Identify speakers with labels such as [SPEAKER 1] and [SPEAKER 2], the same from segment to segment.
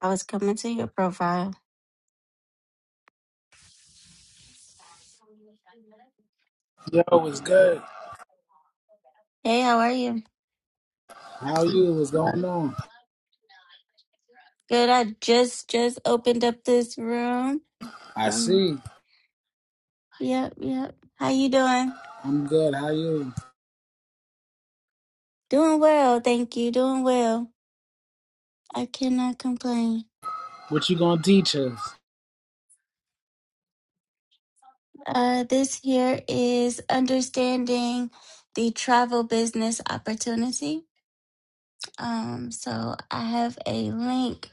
[SPEAKER 1] I was coming to your profile.
[SPEAKER 2] Yo, what's good?
[SPEAKER 1] Hey, how are you?
[SPEAKER 2] How you? What's going on?
[SPEAKER 1] Good. I just just opened up this room.
[SPEAKER 2] I
[SPEAKER 1] Um.
[SPEAKER 2] see.
[SPEAKER 1] Yep. Yep. How you doing?
[SPEAKER 2] I'm good. How you?
[SPEAKER 1] Doing well. Thank you. Doing well. I cannot complain.
[SPEAKER 2] What you gonna teach us?
[SPEAKER 1] Uh, this here is understanding the travel business opportunity. Um, so I have a link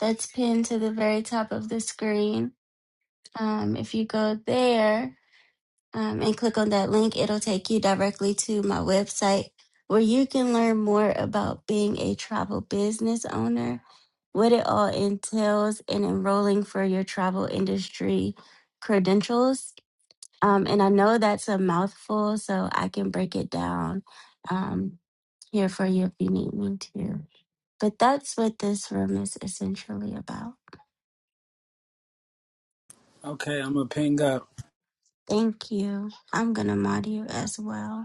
[SPEAKER 1] that's pinned to the very top of the screen. Um, if you go there, um, and click on that link, it'll take you directly to my website where you can learn more about being a travel business owner, what it all entails, and enrolling for your travel industry credentials. Um, and I know that's a mouthful, so I can break it down um, here for you if you need me to. But that's what this room is essentially about.
[SPEAKER 2] Okay, I'm gonna ping up.
[SPEAKER 1] Thank you. I'm going to mod you as well.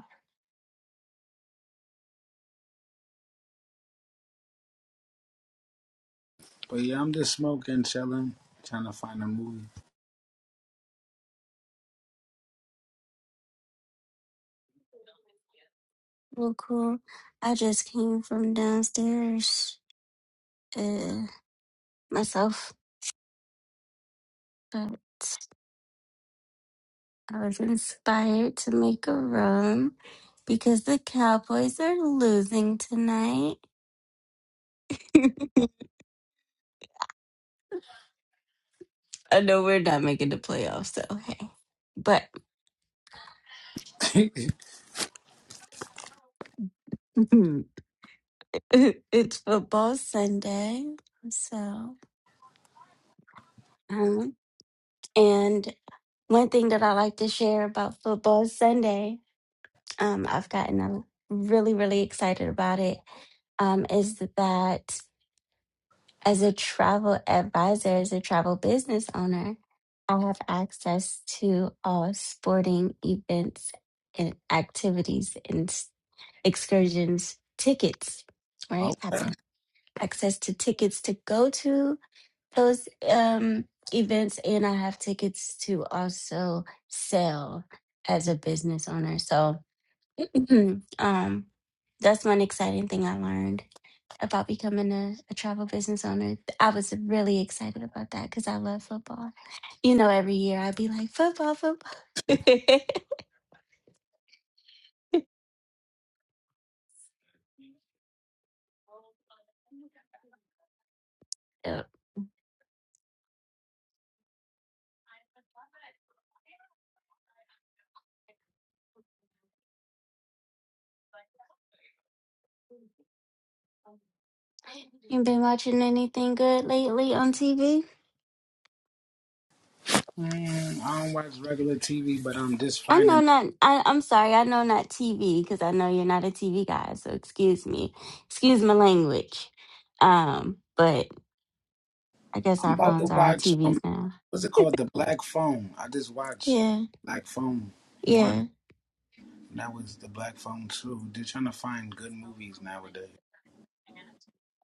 [SPEAKER 2] But yeah, I'm just smoking, chilling, trying to find a movie.
[SPEAKER 1] Well, cool. I just came from downstairs uh, myself, but I was inspired to make a room because the Cowboys are losing tonight. I know we're not making the playoffs, so hey. But
[SPEAKER 2] okay.
[SPEAKER 1] it's football Sunday, so. Um, and one thing that I like to share about football Sunday um, I've gotten a- really, really excited about it um, is that as a travel advisor, as a travel business owner, I have access to all sporting events and activities and s- excursions tickets, right? I have access to tickets to go to those um, events, and I have tickets to also sell as a business owner. So, Hmm. um, that's one exciting thing I learned about becoming a, a travel business owner. I was really excited about that because I love football. You know, every year I'd be like, football, football. Yep. You been watching anything good lately on TV?
[SPEAKER 2] Mm, I don't watch regular TV, but I'm just
[SPEAKER 1] I know
[SPEAKER 2] finding.
[SPEAKER 1] not. I, I'm sorry. I know not TV because I know you're not a TV guy. So excuse me, excuse my language. Um, but I guess
[SPEAKER 2] I'm
[SPEAKER 1] our
[SPEAKER 2] about to
[SPEAKER 1] phones are our
[SPEAKER 2] watch. Um,
[SPEAKER 1] TVs now.
[SPEAKER 2] what's it called? The Black Phone. I just watched
[SPEAKER 1] Yeah,
[SPEAKER 2] Black Phone One.
[SPEAKER 1] yeah,
[SPEAKER 2] And that was the Black Phone Two. They're trying to find good movies nowadays,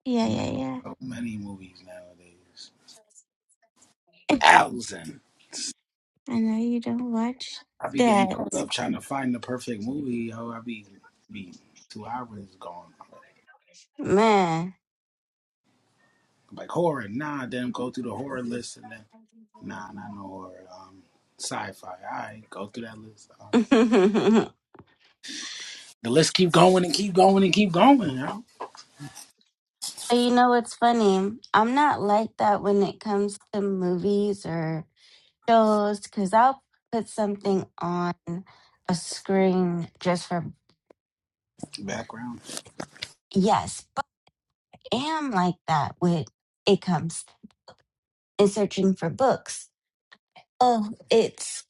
[SPEAKER 1] yeah,
[SPEAKER 2] and
[SPEAKER 1] yeah,
[SPEAKER 2] there's so many movies nowadays. Thousands.
[SPEAKER 1] I know you don't watch
[SPEAKER 2] I be getting
[SPEAKER 1] that.
[SPEAKER 2] caught up trying to find the perfect movie. Oh, I be be two hours gone. I'm like,
[SPEAKER 1] Man.
[SPEAKER 2] I'm like, horror, nah. Then go through the horror list and then nah, not no horror. Um, sci-fi. All right, go through that list. Um, the list keep going and keep going and keep going. Yo,
[SPEAKER 1] But you know what's funny? I'm not like that when it comes to movies or shows because I'll put something on a screen just for,
[SPEAKER 2] background.
[SPEAKER 1] yes, but I am like that when it comes in searching for books. Oh, it's,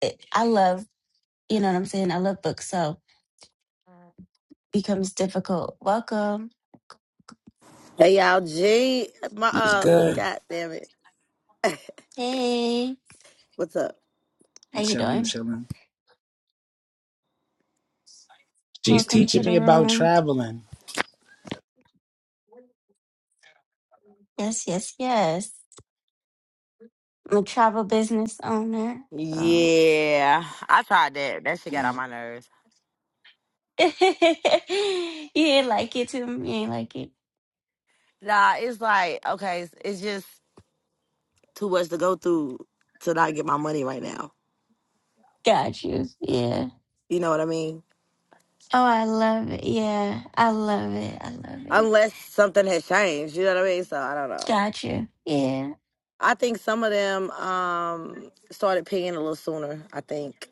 [SPEAKER 1] it, I love, you know what I'm saying? I love books, so becomes difficult. Welcome.
[SPEAKER 3] Hey y'all, G, my
[SPEAKER 2] It's
[SPEAKER 3] uh,
[SPEAKER 2] good.
[SPEAKER 3] god damn it,
[SPEAKER 1] Hey,
[SPEAKER 3] what's up?
[SPEAKER 1] how you
[SPEAKER 2] Chilling,
[SPEAKER 1] doing?
[SPEAKER 2] chilling. She's
[SPEAKER 1] Welcome
[SPEAKER 2] teaching
[SPEAKER 1] to the
[SPEAKER 2] me about
[SPEAKER 1] room.
[SPEAKER 2] traveling.
[SPEAKER 1] Yes, yes, yes. I'm a travel business owner. So
[SPEAKER 3] Yeah, I tried that. That shit got on
[SPEAKER 1] yeah.
[SPEAKER 3] my nerves.
[SPEAKER 1] you ain't like it to me. You ain't like it.
[SPEAKER 3] Nah, it's like okay, it's, it's just Too much to go through to not get my money right now.
[SPEAKER 1] Got you. Yeah.
[SPEAKER 3] You know what I mean?
[SPEAKER 1] Oh, I love it. Yeah. I love it. I love it.
[SPEAKER 3] Unless something has changed, you know what I mean? So I don't know.
[SPEAKER 1] Got you. Yeah.
[SPEAKER 3] I think some of them um started paying a little sooner. I think.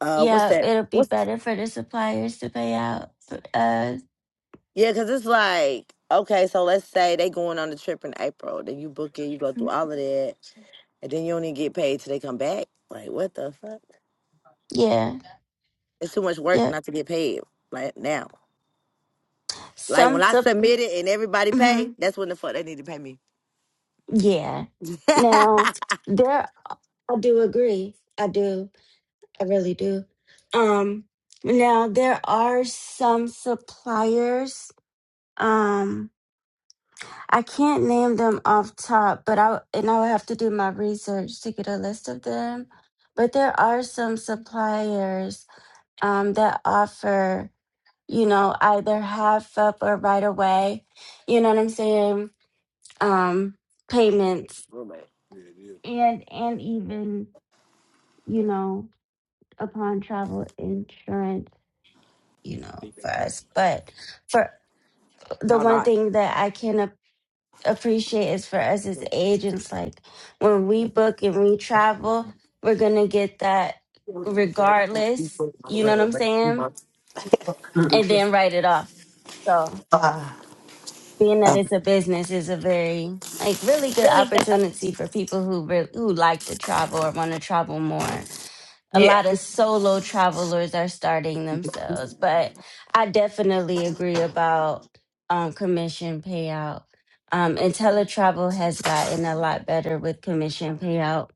[SPEAKER 3] Uh, what's
[SPEAKER 1] Yeah.
[SPEAKER 3] that?
[SPEAKER 1] It'll be
[SPEAKER 3] What's
[SPEAKER 1] better for the suppliers to pay out. Uh,
[SPEAKER 3] yeah? Cause it's like okay, so let's say they going on the trip in April, then you book it, you go through all of that. And then you only get paid till they come back. Like, what the fuck?
[SPEAKER 1] yeah.
[SPEAKER 3] It's too much work
[SPEAKER 1] Yeah.
[SPEAKER 3] not to get paid. Like now. Like when
[SPEAKER 1] Some
[SPEAKER 3] I
[SPEAKER 1] sup.
[SPEAKER 3] submit it and everybody
[SPEAKER 1] mhm.
[SPEAKER 3] pay, that's when the fuck they need to pay me.
[SPEAKER 1] Yeah. Now, there I do agree. I do. I really do. Um, now there are some suppliers. Um, I can't name them off top, but I and I would have to do my research to get a list of them. But there are some suppliers um, that offer, you know, either half up or right away. You know what I'm saying? Um,
[SPEAKER 3] Oh,
[SPEAKER 1] payments
[SPEAKER 3] roommate.
[SPEAKER 1] and and even you know upon travel insurance you know, for us. But for the
[SPEAKER 3] How
[SPEAKER 1] one
[SPEAKER 3] not?
[SPEAKER 1] thing that I can ap- appreciate is for us as agents, like when we book and we travel, we're gonna get that regardless. You know what I'm saying? And then write it off. So being that it's a business is a very like really good opportunity for people who re- who like to travel or want to travel more a
[SPEAKER 3] Yeah.
[SPEAKER 1] lot of solo travelers are starting themselves. But I definitely agree about um, commission payout. Um, and teletravel has gotten a lot better with commission payout,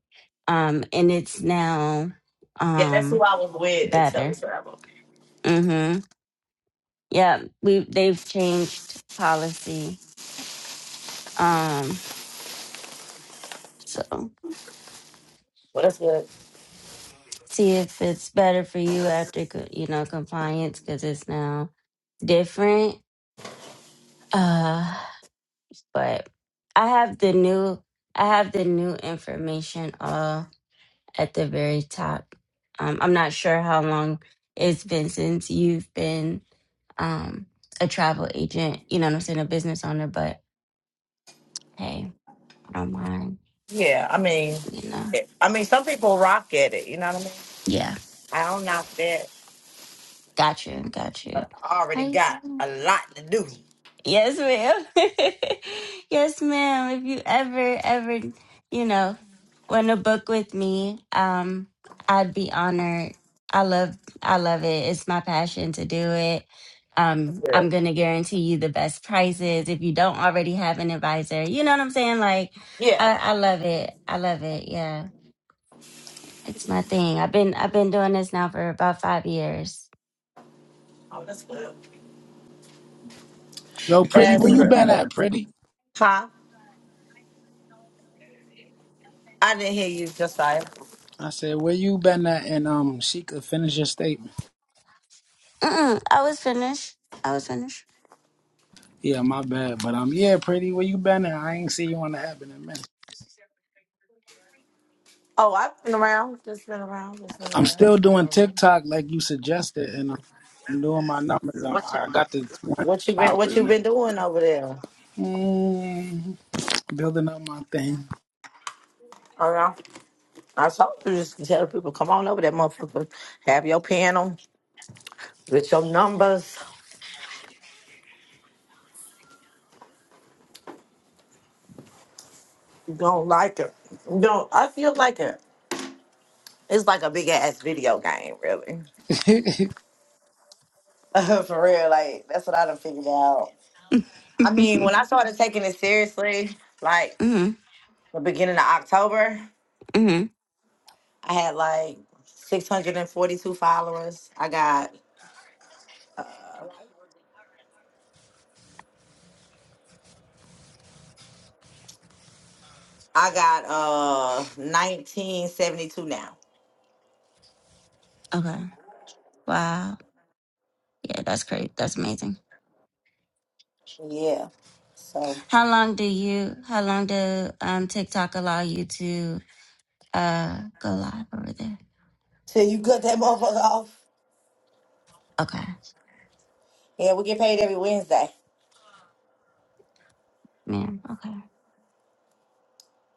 [SPEAKER 1] um, and it's now
[SPEAKER 3] Yeah, that's
[SPEAKER 1] um,
[SPEAKER 3] who I was with until we
[SPEAKER 1] better.
[SPEAKER 3] travel.
[SPEAKER 1] Mm-hmm. Yeah, we they've changed policy. Um, so
[SPEAKER 3] Well, that's good.
[SPEAKER 1] see if it's better for you after co- you know compliance because it's now different. Uh, but I have the new I have the new information all at the very top. Um, I'm not sure how long it's been since you've been um, a travel agent. You know what I'm saying, a business owner. But hey, I don't mind.
[SPEAKER 3] Yeah, I mean,
[SPEAKER 1] You know,
[SPEAKER 3] it- I mean, some people rock at it. You know what I mean?
[SPEAKER 1] yeah,
[SPEAKER 3] I don't knock that.
[SPEAKER 1] got you, got you.
[SPEAKER 3] I already
[SPEAKER 1] Nice.
[SPEAKER 3] got a lot to do.
[SPEAKER 1] Yes, ma'am. yes, ma'am. If you ever, ever, you know, want to book with me, um, I'd be honored. I love, I love it. It's my passion to do it.
[SPEAKER 3] That's
[SPEAKER 1] Um,
[SPEAKER 3] good.
[SPEAKER 1] I'm gonna guarantee you the best prices if you don't already have an advisor. You know what I'm saying? Like,
[SPEAKER 3] Yeah.
[SPEAKER 1] I, I love it. I love it. Yeah, it's my thing. I've been, I've been doing this now for about five years.
[SPEAKER 3] Oh, that's good.
[SPEAKER 2] Yo, pretty,
[SPEAKER 3] That's
[SPEAKER 2] where you
[SPEAKER 3] good.
[SPEAKER 2] been at, pretty?
[SPEAKER 3] Huh? I didn't hear you, Josiah.
[SPEAKER 2] I said, where you been at? And um, she could finish your statement.
[SPEAKER 1] Mm-mm, I was finished. I was finished.
[SPEAKER 2] Yeah, my bad. But um, yeah, pretty, where you been at? I ain't see you on the app in a minute.
[SPEAKER 3] Oh, I've been around. Just been around. Just been
[SPEAKER 2] I'm
[SPEAKER 3] around.
[SPEAKER 2] still
[SPEAKER 3] Just been
[SPEAKER 2] doing
[SPEAKER 3] around.
[SPEAKER 2] TikTok like you suggested, and I'm doing my numbers.
[SPEAKER 3] What you
[SPEAKER 2] I, I got the 20
[SPEAKER 3] what you been what
[SPEAKER 2] hours
[SPEAKER 3] you
[SPEAKER 2] now.
[SPEAKER 3] been doing over there?
[SPEAKER 2] Mm, building up my thing.
[SPEAKER 3] Oh no. I told you just tell people, come on over there, motherfucker. Have your panel with your numbers. You Don't like it. You Don't I feel like it. It's like a big ass video game, really. For real, like that's what I done figured out. I mean,
[SPEAKER 1] mm-hmm,
[SPEAKER 3] when I started taking it seriously, like the beginning of October,
[SPEAKER 1] mm-hmm.
[SPEAKER 3] I had like 642 followers. I got I got uh 1972 now.
[SPEAKER 1] Okay. Wow. Yeah, that's great. That's amazing.
[SPEAKER 3] Yeah. So
[SPEAKER 1] How long do you how long do um TikTok allow you to uh go live over there?
[SPEAKER 3] till you cut that motherfucker off.
[SPEAKER 1] Okay.
[SPEAKER 3] Yeah, we get paid every Wednesday.
[SPEAKER 1] Man, okay.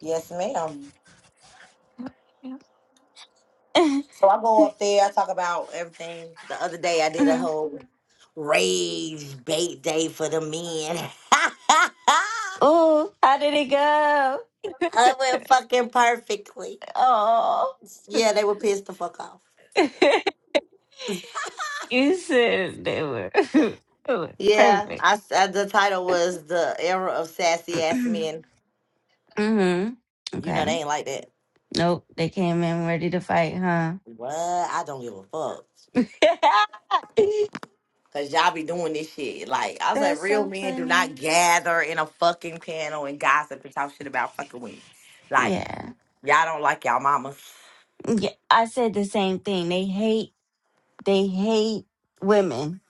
[SPEAKER 3] Yes, ma'am. So I go up there, I talk about everything. The other day I did a
[SPEAKER 1] Mhm.
[SPEAKER 3] whole rage bait day for the men.
[SPEAKER 1] oh, how did it go?
[SPEAKER 3] it went fucking perfectly.
[SPEAKER 1] Oh.
[SPEAKER 3] Yeah, they were pissed the fuck off.
[SPEAKER 1] you said they were, they were
[SPEAKER 3] Yeah,
[SPEAKER 1] perfect.
[SPEAKER 3] I, s- uh the title was the era of sassy ass men.
[SPEAKER 1] hmm
[SPEAKER 3] You know
[SPEAKER 1] Okay.
[SPEAKER 3] they ain't like that.
[SPEAKER 1] Nope. They came in ready to fight, huh?
[SPEAKER 3] What? I don't give a fuck. Cause y'all be doing this shit. Like I was like,
[SPEAKER 1] That's
[SPEAKER 3] real
[SPEAKER 1] so
[SPEAKER 3] men do not
[SPEAKER 1] funny.
[SPEAKER 3] gather in a fucking panel and gossip and talk shit about fucking women. Like
[SPEAKER 1] Yeah.
[SPEAKER 3] y'all don't like y'all mama.
[SPEAKER 1] Yeah. I said the same thing. They hate They hate women.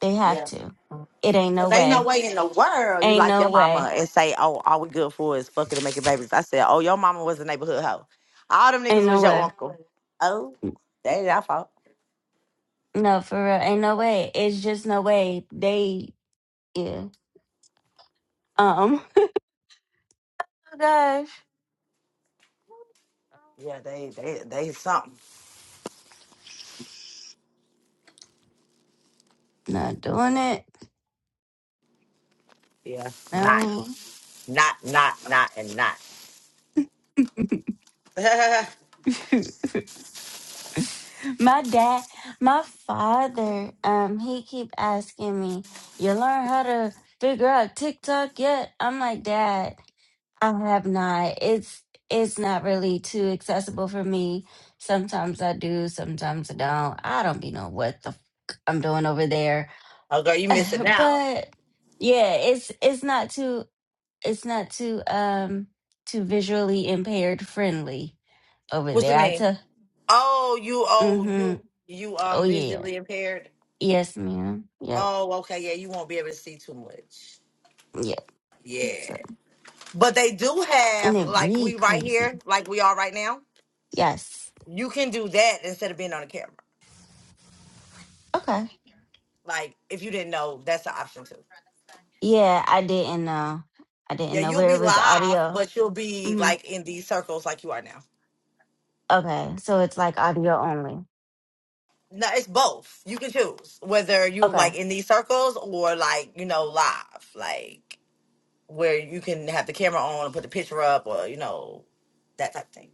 [SPEAKER 1] They have
[SPEAKER 3] Yeah.
[SPEAKER 1] to. It ain't no
[SPEAKER 3] Cause ain't no
[SPEAKER 1] way.
[SPEAKER 3] way in the world you
[SPEAKER 1] Ain't
[SPEAKER 3] like your
[SPEAKER 1] no
[SPEAKER 3] mama
[SPEAKER 1] way.
[SPEAKER 3] and say, oh, all we good for is fucking and making babies. I said, oh, your mama was a neighborhood hoe. All them
[SPEAKER 1] Ain't
[SPEAKER 3] niggas
[SPEAKER 1] no
[SPEAKER 3] was your
[SPEAKER 1] way.
[SPEAKER 3] uncle. Oh, they ain't our fault.
[SPEAKER 1] No, for real. Ain't no way. It's just no way. They, yeah. Um, oh gosh.
[SPEAKER 3] Yeah, they they they something.
[SPEAKER 1] Not doing it.
[SPEAKER 3] Yeah, not
[SPEAKER 1] No.
[SPEAKER 3] not not not and not. oh
[SPEAKER 1] my dad, my father, um, he keep asking me, you learn how to figure out TikTok yet? I'm like, dad. I have not. It's it's not really too accessible for me. Sometimes I do, sometimes I don't. I don't be know what the fuck I'm doing over there.
[SPEAKER 3] girl, you missing out.
[SPEAKER 1] But yeah, it's it's not too it's not too um too visually impaired friendly over
[SPEAKER 3] What you
[SPEAKER 1] there. I
[SPEAKER 3] mean?
[SPEAKER 1] tell
[SPEAKER 3] Oh, you oh
[SPEAKER 1] mm-hmm.
[SPEAKER 3] you you
[SPEAKER 1] Oh
[SPEAKER 3] um
[SPEAKER 1] yeah.
[SPEAKER 3] visually impaired.
[SPEAKER 1] Yes, ma'am. Yep.
[SPEAKER 3] Oh, okay, yeah, you won't be able to see too much.
[SPEAKER 1] Yep. So,
[SPEAKER 3] Yeah. But they do
[SPEAKER 1] and
[SPEAKER 3] have
[SPEAKER 1] it
[SPEAKER 3] like we
[SPEAKER 1] read
[SPEAKER 3] right here,
[SPEAKER 1] crazy.
[SPEAKER 3] like we are right now.
[SPEAKER 1] Yes.
[SPEAKER 3] You can do that instead of being on the camera.
[SPEAKER 1] Okay.
[SPEAKER 3] Like if you didn't know, that's an option too.
[SPEAKER 1] Yeah, I didn't know. I didn't
[SPEAKER 3] Yeah,
[SPEAKER 1] know
[SPEAKER 3] you'll
[SPEAKER 1] where
[SPEAKER 3] be
[SPEAKER 1] it was
[SPEAKER 3] live,
[SPEAKER 1] audio.
[SPEAKER 3] but you'll be
[SPEAKER 1] hmm
[SPEAKER 3] like in these circles like you are now.
[SPEAKER 1] Okay, so it's like audio only.
[SPEAKER 3] No, it's both. You can choose whether you
[SPEAKER 1] Okay,
[SPEAKER 3] like in these circles or like, you know, live. Like where you can have the camera on and put the picture up or you know that type of thing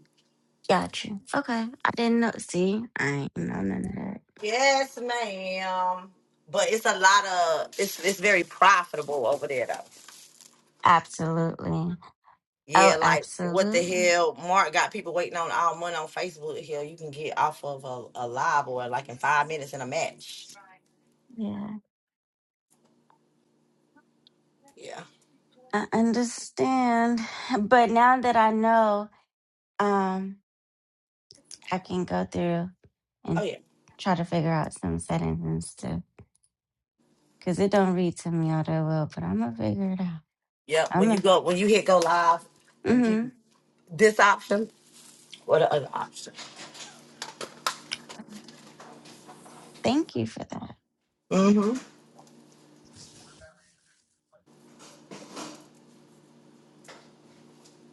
[SPEAKER 1] got you. Okay, I didn't know. See, I ain't know none of that.
[SPEAKER 3] yes ma'am but it's a lot of it's it's very profitable over there though
[SPEAKER 1] Absolutely. Oh,
[SPEAKER 3] yeah like what the
[SPEAKER 1] absolutely.
[SPEAKER 3] hell mark got people waiting on all money on facebook here you can get off of a, a live or like in five minutes in a match
[SPEAKER 1] Yeah,
[SPEAKER 3] yeah
[SPEAKER 1] I understand. But now that I know, um, I can go through
[SPEAKER 3] oh
[SPEAKER 1] and
[SPEAKER 3] yeah
[SPEAKER 1] try to figure out some settings and stuff. Cause it don't read to me all that well, but I'm gonna figure it out.
[SPEAKER 3] yep
[SPEAKER 1] I'm
[SPEAKER 3] when you
[SPEAKER 1] gonna.
[SPEAKER 3] go when you hit go live it'll give
[SPEAKER 1] Mm-hmm.
[SPEAKER 3] you this option or the other option
[SPEAKER 1] Thank you for that.
[SPEAKER 3] mm-hmm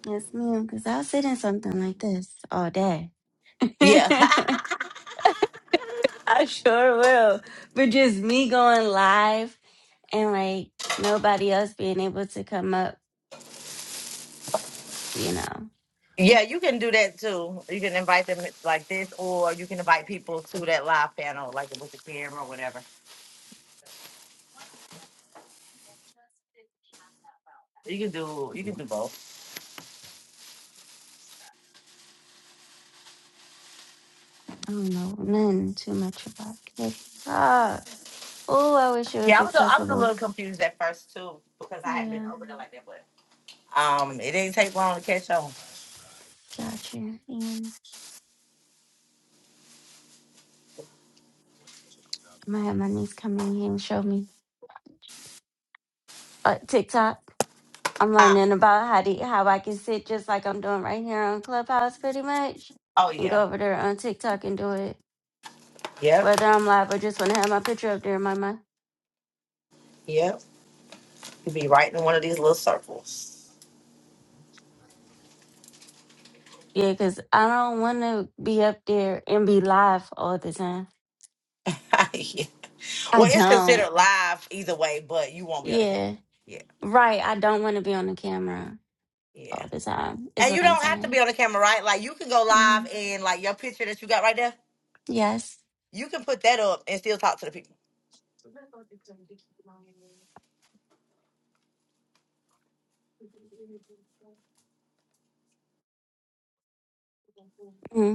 [SPEAKER 1] Yes, ma'am. Cause I'll sit in something like this all day.
[SPEAKER 3] yeah
[SPEAKER 1] I sure will. But just me going live and like nobody else being able to come up, you know.
[SPEAKER 3] Yeah, you can do that too. You can invite them like this, or you can invite people to that live panel, like with the camera or whatever. You can do you can do both.
[SPEAKER 1] I don't know nothing too much about it. Ah, oh, I wish it was
[SPEAKER 3] Yeah, I was a, I was a
[SPEAKER 1] accessible.
[SPEAKER 3] little confused at first too because I hadn't been
[SPEAKER 1] Yeah,
[SPEAKER 3] over there like that, but um, it didn't take long to catch on.
[SPEAKER 1] gotcha. Yeah, I might have my niece come in here and show me uh, TikTok. I'm
[SPEAKER 3] Huh?
[SPEAKER 1] learning about how to how I can sit just like I'm doing right here on Clubhouse, pretty much,
[SPEAKER 3] Oh
[SPEAKER 1] and
[SPEAKER 3] yeah,
[SPEAKER 1] go over there on TikTok and do it,
[SPEAKER 3] yep,
[SPEAKER 1] whether I'm live or just want to have my picture up there in my
[SPEAKER 3] yep. You'd be right in one of these little circles.
[SPEAKER 1] Yeah, because I don't want to be up there and be live all the time.
[SPEAKER 3] yeah.
[SPEAKER 1] I
[SPEAKER 3] Well, it's
[SPEAKER 1] don't.
[SPEAKER 3] considered live either way, but you won't be on the camera.
[SPEAKER 1] Yeah.
[SPEAKER 3] Yeah,
[SPEAKER 1] Right. I don't want to be on the camera all
[SPEAKER 3] yeah.
[SPEAKER 1] the time, is
[SPEAKER 3] And you
[SPEAKER 1] what I'm
[SPEAKER 3] don't have to
[SPEAKER 1] saying.
[SPEAKER 3] be on the camera, right? Like you can go
[SPEAKER 1] hmm
[SPEAKER 3] live in like your picture that you got right there.
[SPEAKER 1] Yes.
[SPEAKER 3] You can put that up and still talk to the people.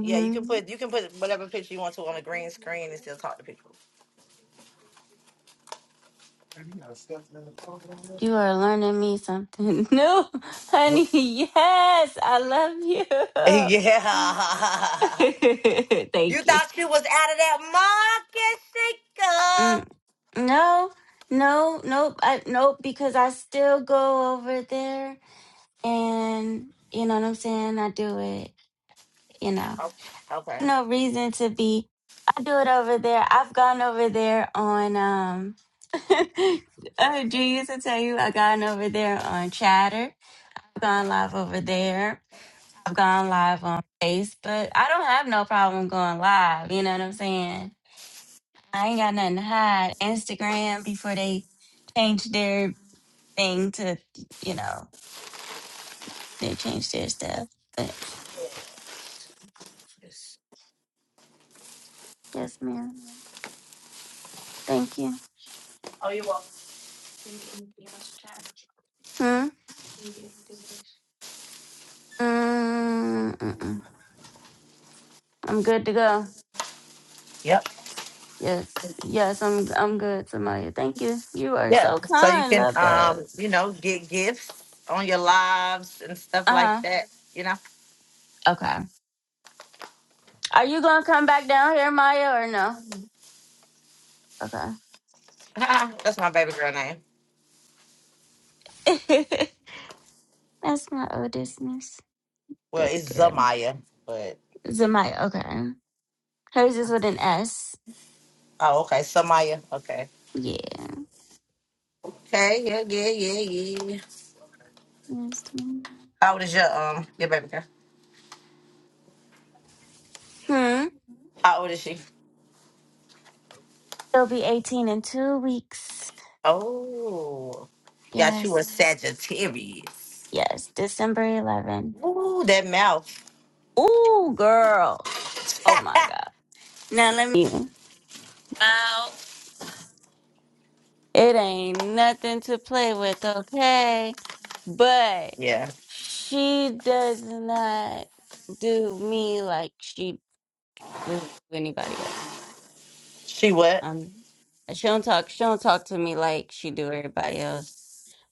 [SPEAKER 3] Yeah, you can put you can put whatever picture you want to on a green screen and still talk to people.
[SPEAKER 1] You are learning me something new, honey. Yes. I love you.
[SPEAKER 3] Yeah. You
[SPEAKER 1] Thank you.
[SPEAKER 3] thought she was out of that market shaker.
[SPEAKER 1] Mm. No, no, nope. I, nope, because I still go over there and, you know what I'm saying? I do it. you know,
[SPEAKER 3] Oh, okay.
[SPEAKER 1] no reason to be. I do it over there. I've gone over there on, um, uh, Drew used to tell you I've gone over there on Chatter. I've gone live over there. I've gone live on Facebook. I don't have no problem going live. You know what I'm saying? I ain't got nothing to hide. Instagram before they changed their thing to, you know, they changed their stuff. But yes, ma'am. Thank you.
[SPEAKER 3] Oh, you.
[SPEAKER 1] Hmm? Mm-mm. I'm good to go.
[SPEAKER 3] Yep.
[SPEAKER 1] Yes. Yes, I'm I'm good, Samaya. Thank you. You are
[SPEAKER 3] Yeah.
[SPEAKER 1] so
[SPEAKER 3] So you
[SPEAKER 1] kind,
[SPEAKER 3] can,
[SPEAKER 1] love bug.
[SPEAKER 3] um, you know, get gifts on your lives and stuff like
[SPEAKER 1] Uh-huh.
[SPEAKER 3] that. You know,
[SPEAKER 1] Okay. Are you gonna come back down here, Maya, or no?
[SPEAKER 3] that's my baby girl name.
[SPEAKER 1] Okay. That's my oldest miss.
[SPEAKER 3] Well,
[SPEAKER 1] Baby
[SPEAKER 3] it's
[SPEAKER 1] girl.
[SPEAKER 3] Zamaya, but
[SPEAKER 1] Zamaya, okay. Hers is with an S.
[SPEAKER 3] oh, okay, Samaya. Okay.
[SPEAKER 1] Yeah.
[SPEAKER 3] Okay. Yeah. Yeah. Yeah. Yeah.
[SPEAKER 1] Yes, ma'am.
[SPEAKER 3] How old is your um your baby girl?
[SPEAKER 1] Hmm.
[SPEAKER 3] How old is she?
[SPEAKER 1] She'll be 18 in two weeks.
[SPEAKER 3] Oh, got you
[SPEAKER 1] Yes.
[SPEAKER 3] a Sagittarius.
[SPEAKER 1] Yes. December 11.
[SPEAKER 3] Ooh, that mouth.
[SPEAKER 1] Ooh, girl. Oh my God. Now let me. Wow. It ain't nothing to play with, okay? But
[SPEAKER 3] yeah.
[SPEAKER 1] she does not do me like she would do anybody else.
[SPEAKER 3] She what?
[SPEAKER 1] Um, she don't talk. She don't talk to me like she do everybody else.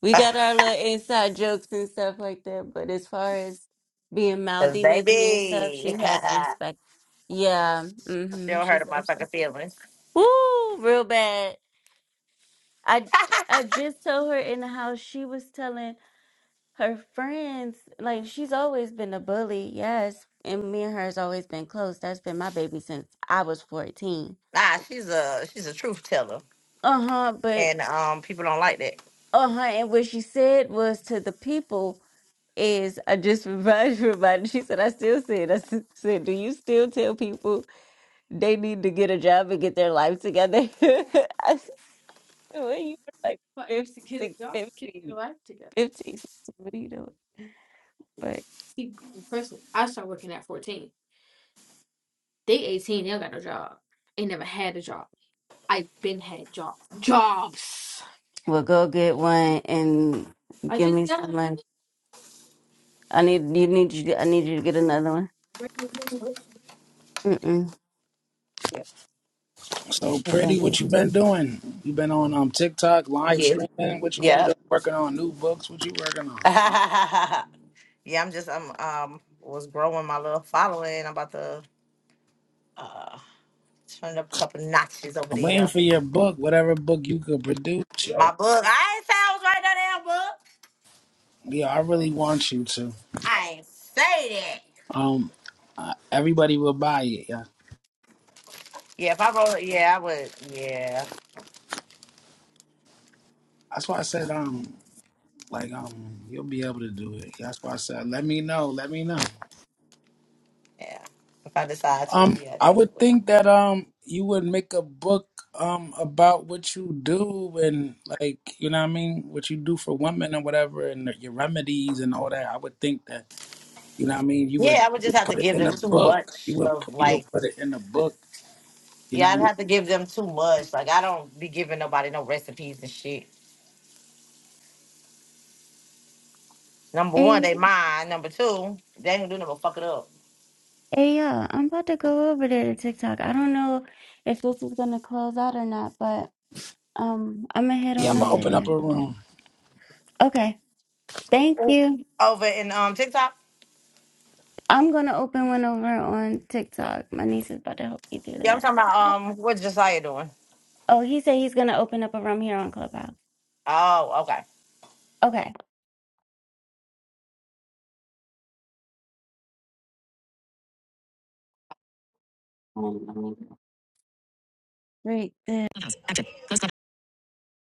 [SPEAKER 1] We got our little inside jokes and stuff like that. But as far as being
[SPEAKER 3] Cause
[SPEAKER 1] mouthy with me and stuff,
[SPEAKER 3] baby, she
[SPEAKER 1] she has respect. Yeah, mm-hmm.
[SPEAKER 3] don't hurt
[SPEAKER 1] She's
[SPEAKER 3] a fucking
[SPEAKER 1] respectful.
[SPEAKER 3] feelings.
[SPEAKER 1] Woo, real bad. I I just told her in the house she was telling. her friends, like she's always been a bully, yes. And me and her has always been close. That's been my baby since I was 14.
[SPEAKER 3] Nah, she's a she's a truth teller,
[SPEAKER 1] Uh-huh, but
[SPEAKER 3] and um, people don't like that.
[SPEAKER 1] uh-huh, and what she said was to the people is I just remind everybody. She said, I still said, I s- said, do you still tell people they need to get a job and get their life together? I said, well, you were like 15, 16, fifteen, 15, sixteen, what are you doing? Well, go get one and I give just me got some money. I need you need you. to- I need you to get another one. Mm-mm. it.
[SPEAKER 2] so
[SPEAKER 1] Okay.
[SPEAKER 2] pretty, what you been doing? You been on um TikTok live
[SPEAKER 3] Yeah.
[SPEAKER 2] streaming? What you been
[SPEAKER 3] Yeah.
[SPEAKER 2] doing? Working on new books? What you working on?
[SPEAKER 3] yeah. I'm just I'm um was growing my little following. I'm about to uh turn up a couple notches over
[SPEAKER 2] I'm
[SPEAKER 3] there.
[SPEAKER 2] waiting for your book, whatever book you could produce. Yeah,
[SPEAKER 3] my book. I ain't say I was writing that damn book.
[SPEAKER 2] yeah I really want you to.
[SPEAKER 3] I ain't say that.
[SPEAKER 2] Um, uh, everybody will buy it. Yeah,
[SPEAKER 3] Yeah, if I roll it, yeah, I would. Yeah,
[SPEAKER 2] that's why I said um Like um, you'll be able to do it. That's why I said, let me know. Let me know.
[SPEAKER 3] yeah. If I decide to,
[SPEAKER 2] Um,
[SPEAKER 3] yeah, I
[SPEAKER 2] I
[SPEAKER 3] definitely
[SPEAKER 2] would
[SPEAKER 3] will.
[SPEAKER 2] think that um, you would make a book um about what you do and like you know what I mean, what you do for women and whatever, and your remedies and all that. I would think that you know what I mean. You
[SPEAKER 3] Yeah,
[SPEAKER 2] would,
[SPEAKER 3] I would
[SPEAKER 2] you
[SPEAKER 3] just
[SPEAKER 2] would
[SPEAKER 3] have to
[SPEAKER 2] put it
[SPEAKER 3] give
[SPEAKER 2] in
[SPEAKER 3] them
[SPEAKER 2] a
[SPEAKER 3] too
[SPEAKER 2] book. You
[SPEAKER 3] much
[SPEAKER 2] would
[SPEAKER 3] of
[SPEAKER 2] put, you would
[SPEAKER 3] like,
[SPEAKER 2] put it in a book. You know
[SPEAKER 3] yeah,
[SPEAKER 2] what I
[SPEAKER 3] I'd
[SPEAKER 2] mean.
[SPEAKER 3] have to give them too much. Like, I don't be giving nobody no recipes and shit. Number one,
[SPEAKER 1] Hey,
[SPEAKER 3] they mine. Number two, they ain't gonna do nothing but fuck it up.
[SPEAKER 1] hey, y'all! I'm about to go over there to TikTok. I don't know if this is gonna close out or not, but um, I'm gonna head
[SPEAKER 2] Yeah,
[SPEAKER 1] on
[SPEAKER 2] I'm gonna
[SPEAKER 1] over
[SPEAKER 2] open up
[SPEAKER 1] there.
[SPEAKER 2] a room.
[SPEAKER 1] Okay. Thank
[SPEAKER 3] Ooh.
[SPEAKER 1] you.
[SPEAKER 3] Over in um TikTok,
[SPEAKER 1] I'm gonna open one over on TikTok. My niece is about to help me do
[SPEAKER 3] yeah, I'm
[SPEAKER 1] that.
[SPEAKER 3] talking about um what Josiah doing.
[SPEAKER 1] Oh, he said he's gonna open up a room here on Clubhouse.
[SPEAKER 3] Oh, okay.
[SPEAKER 1] Okay. Great.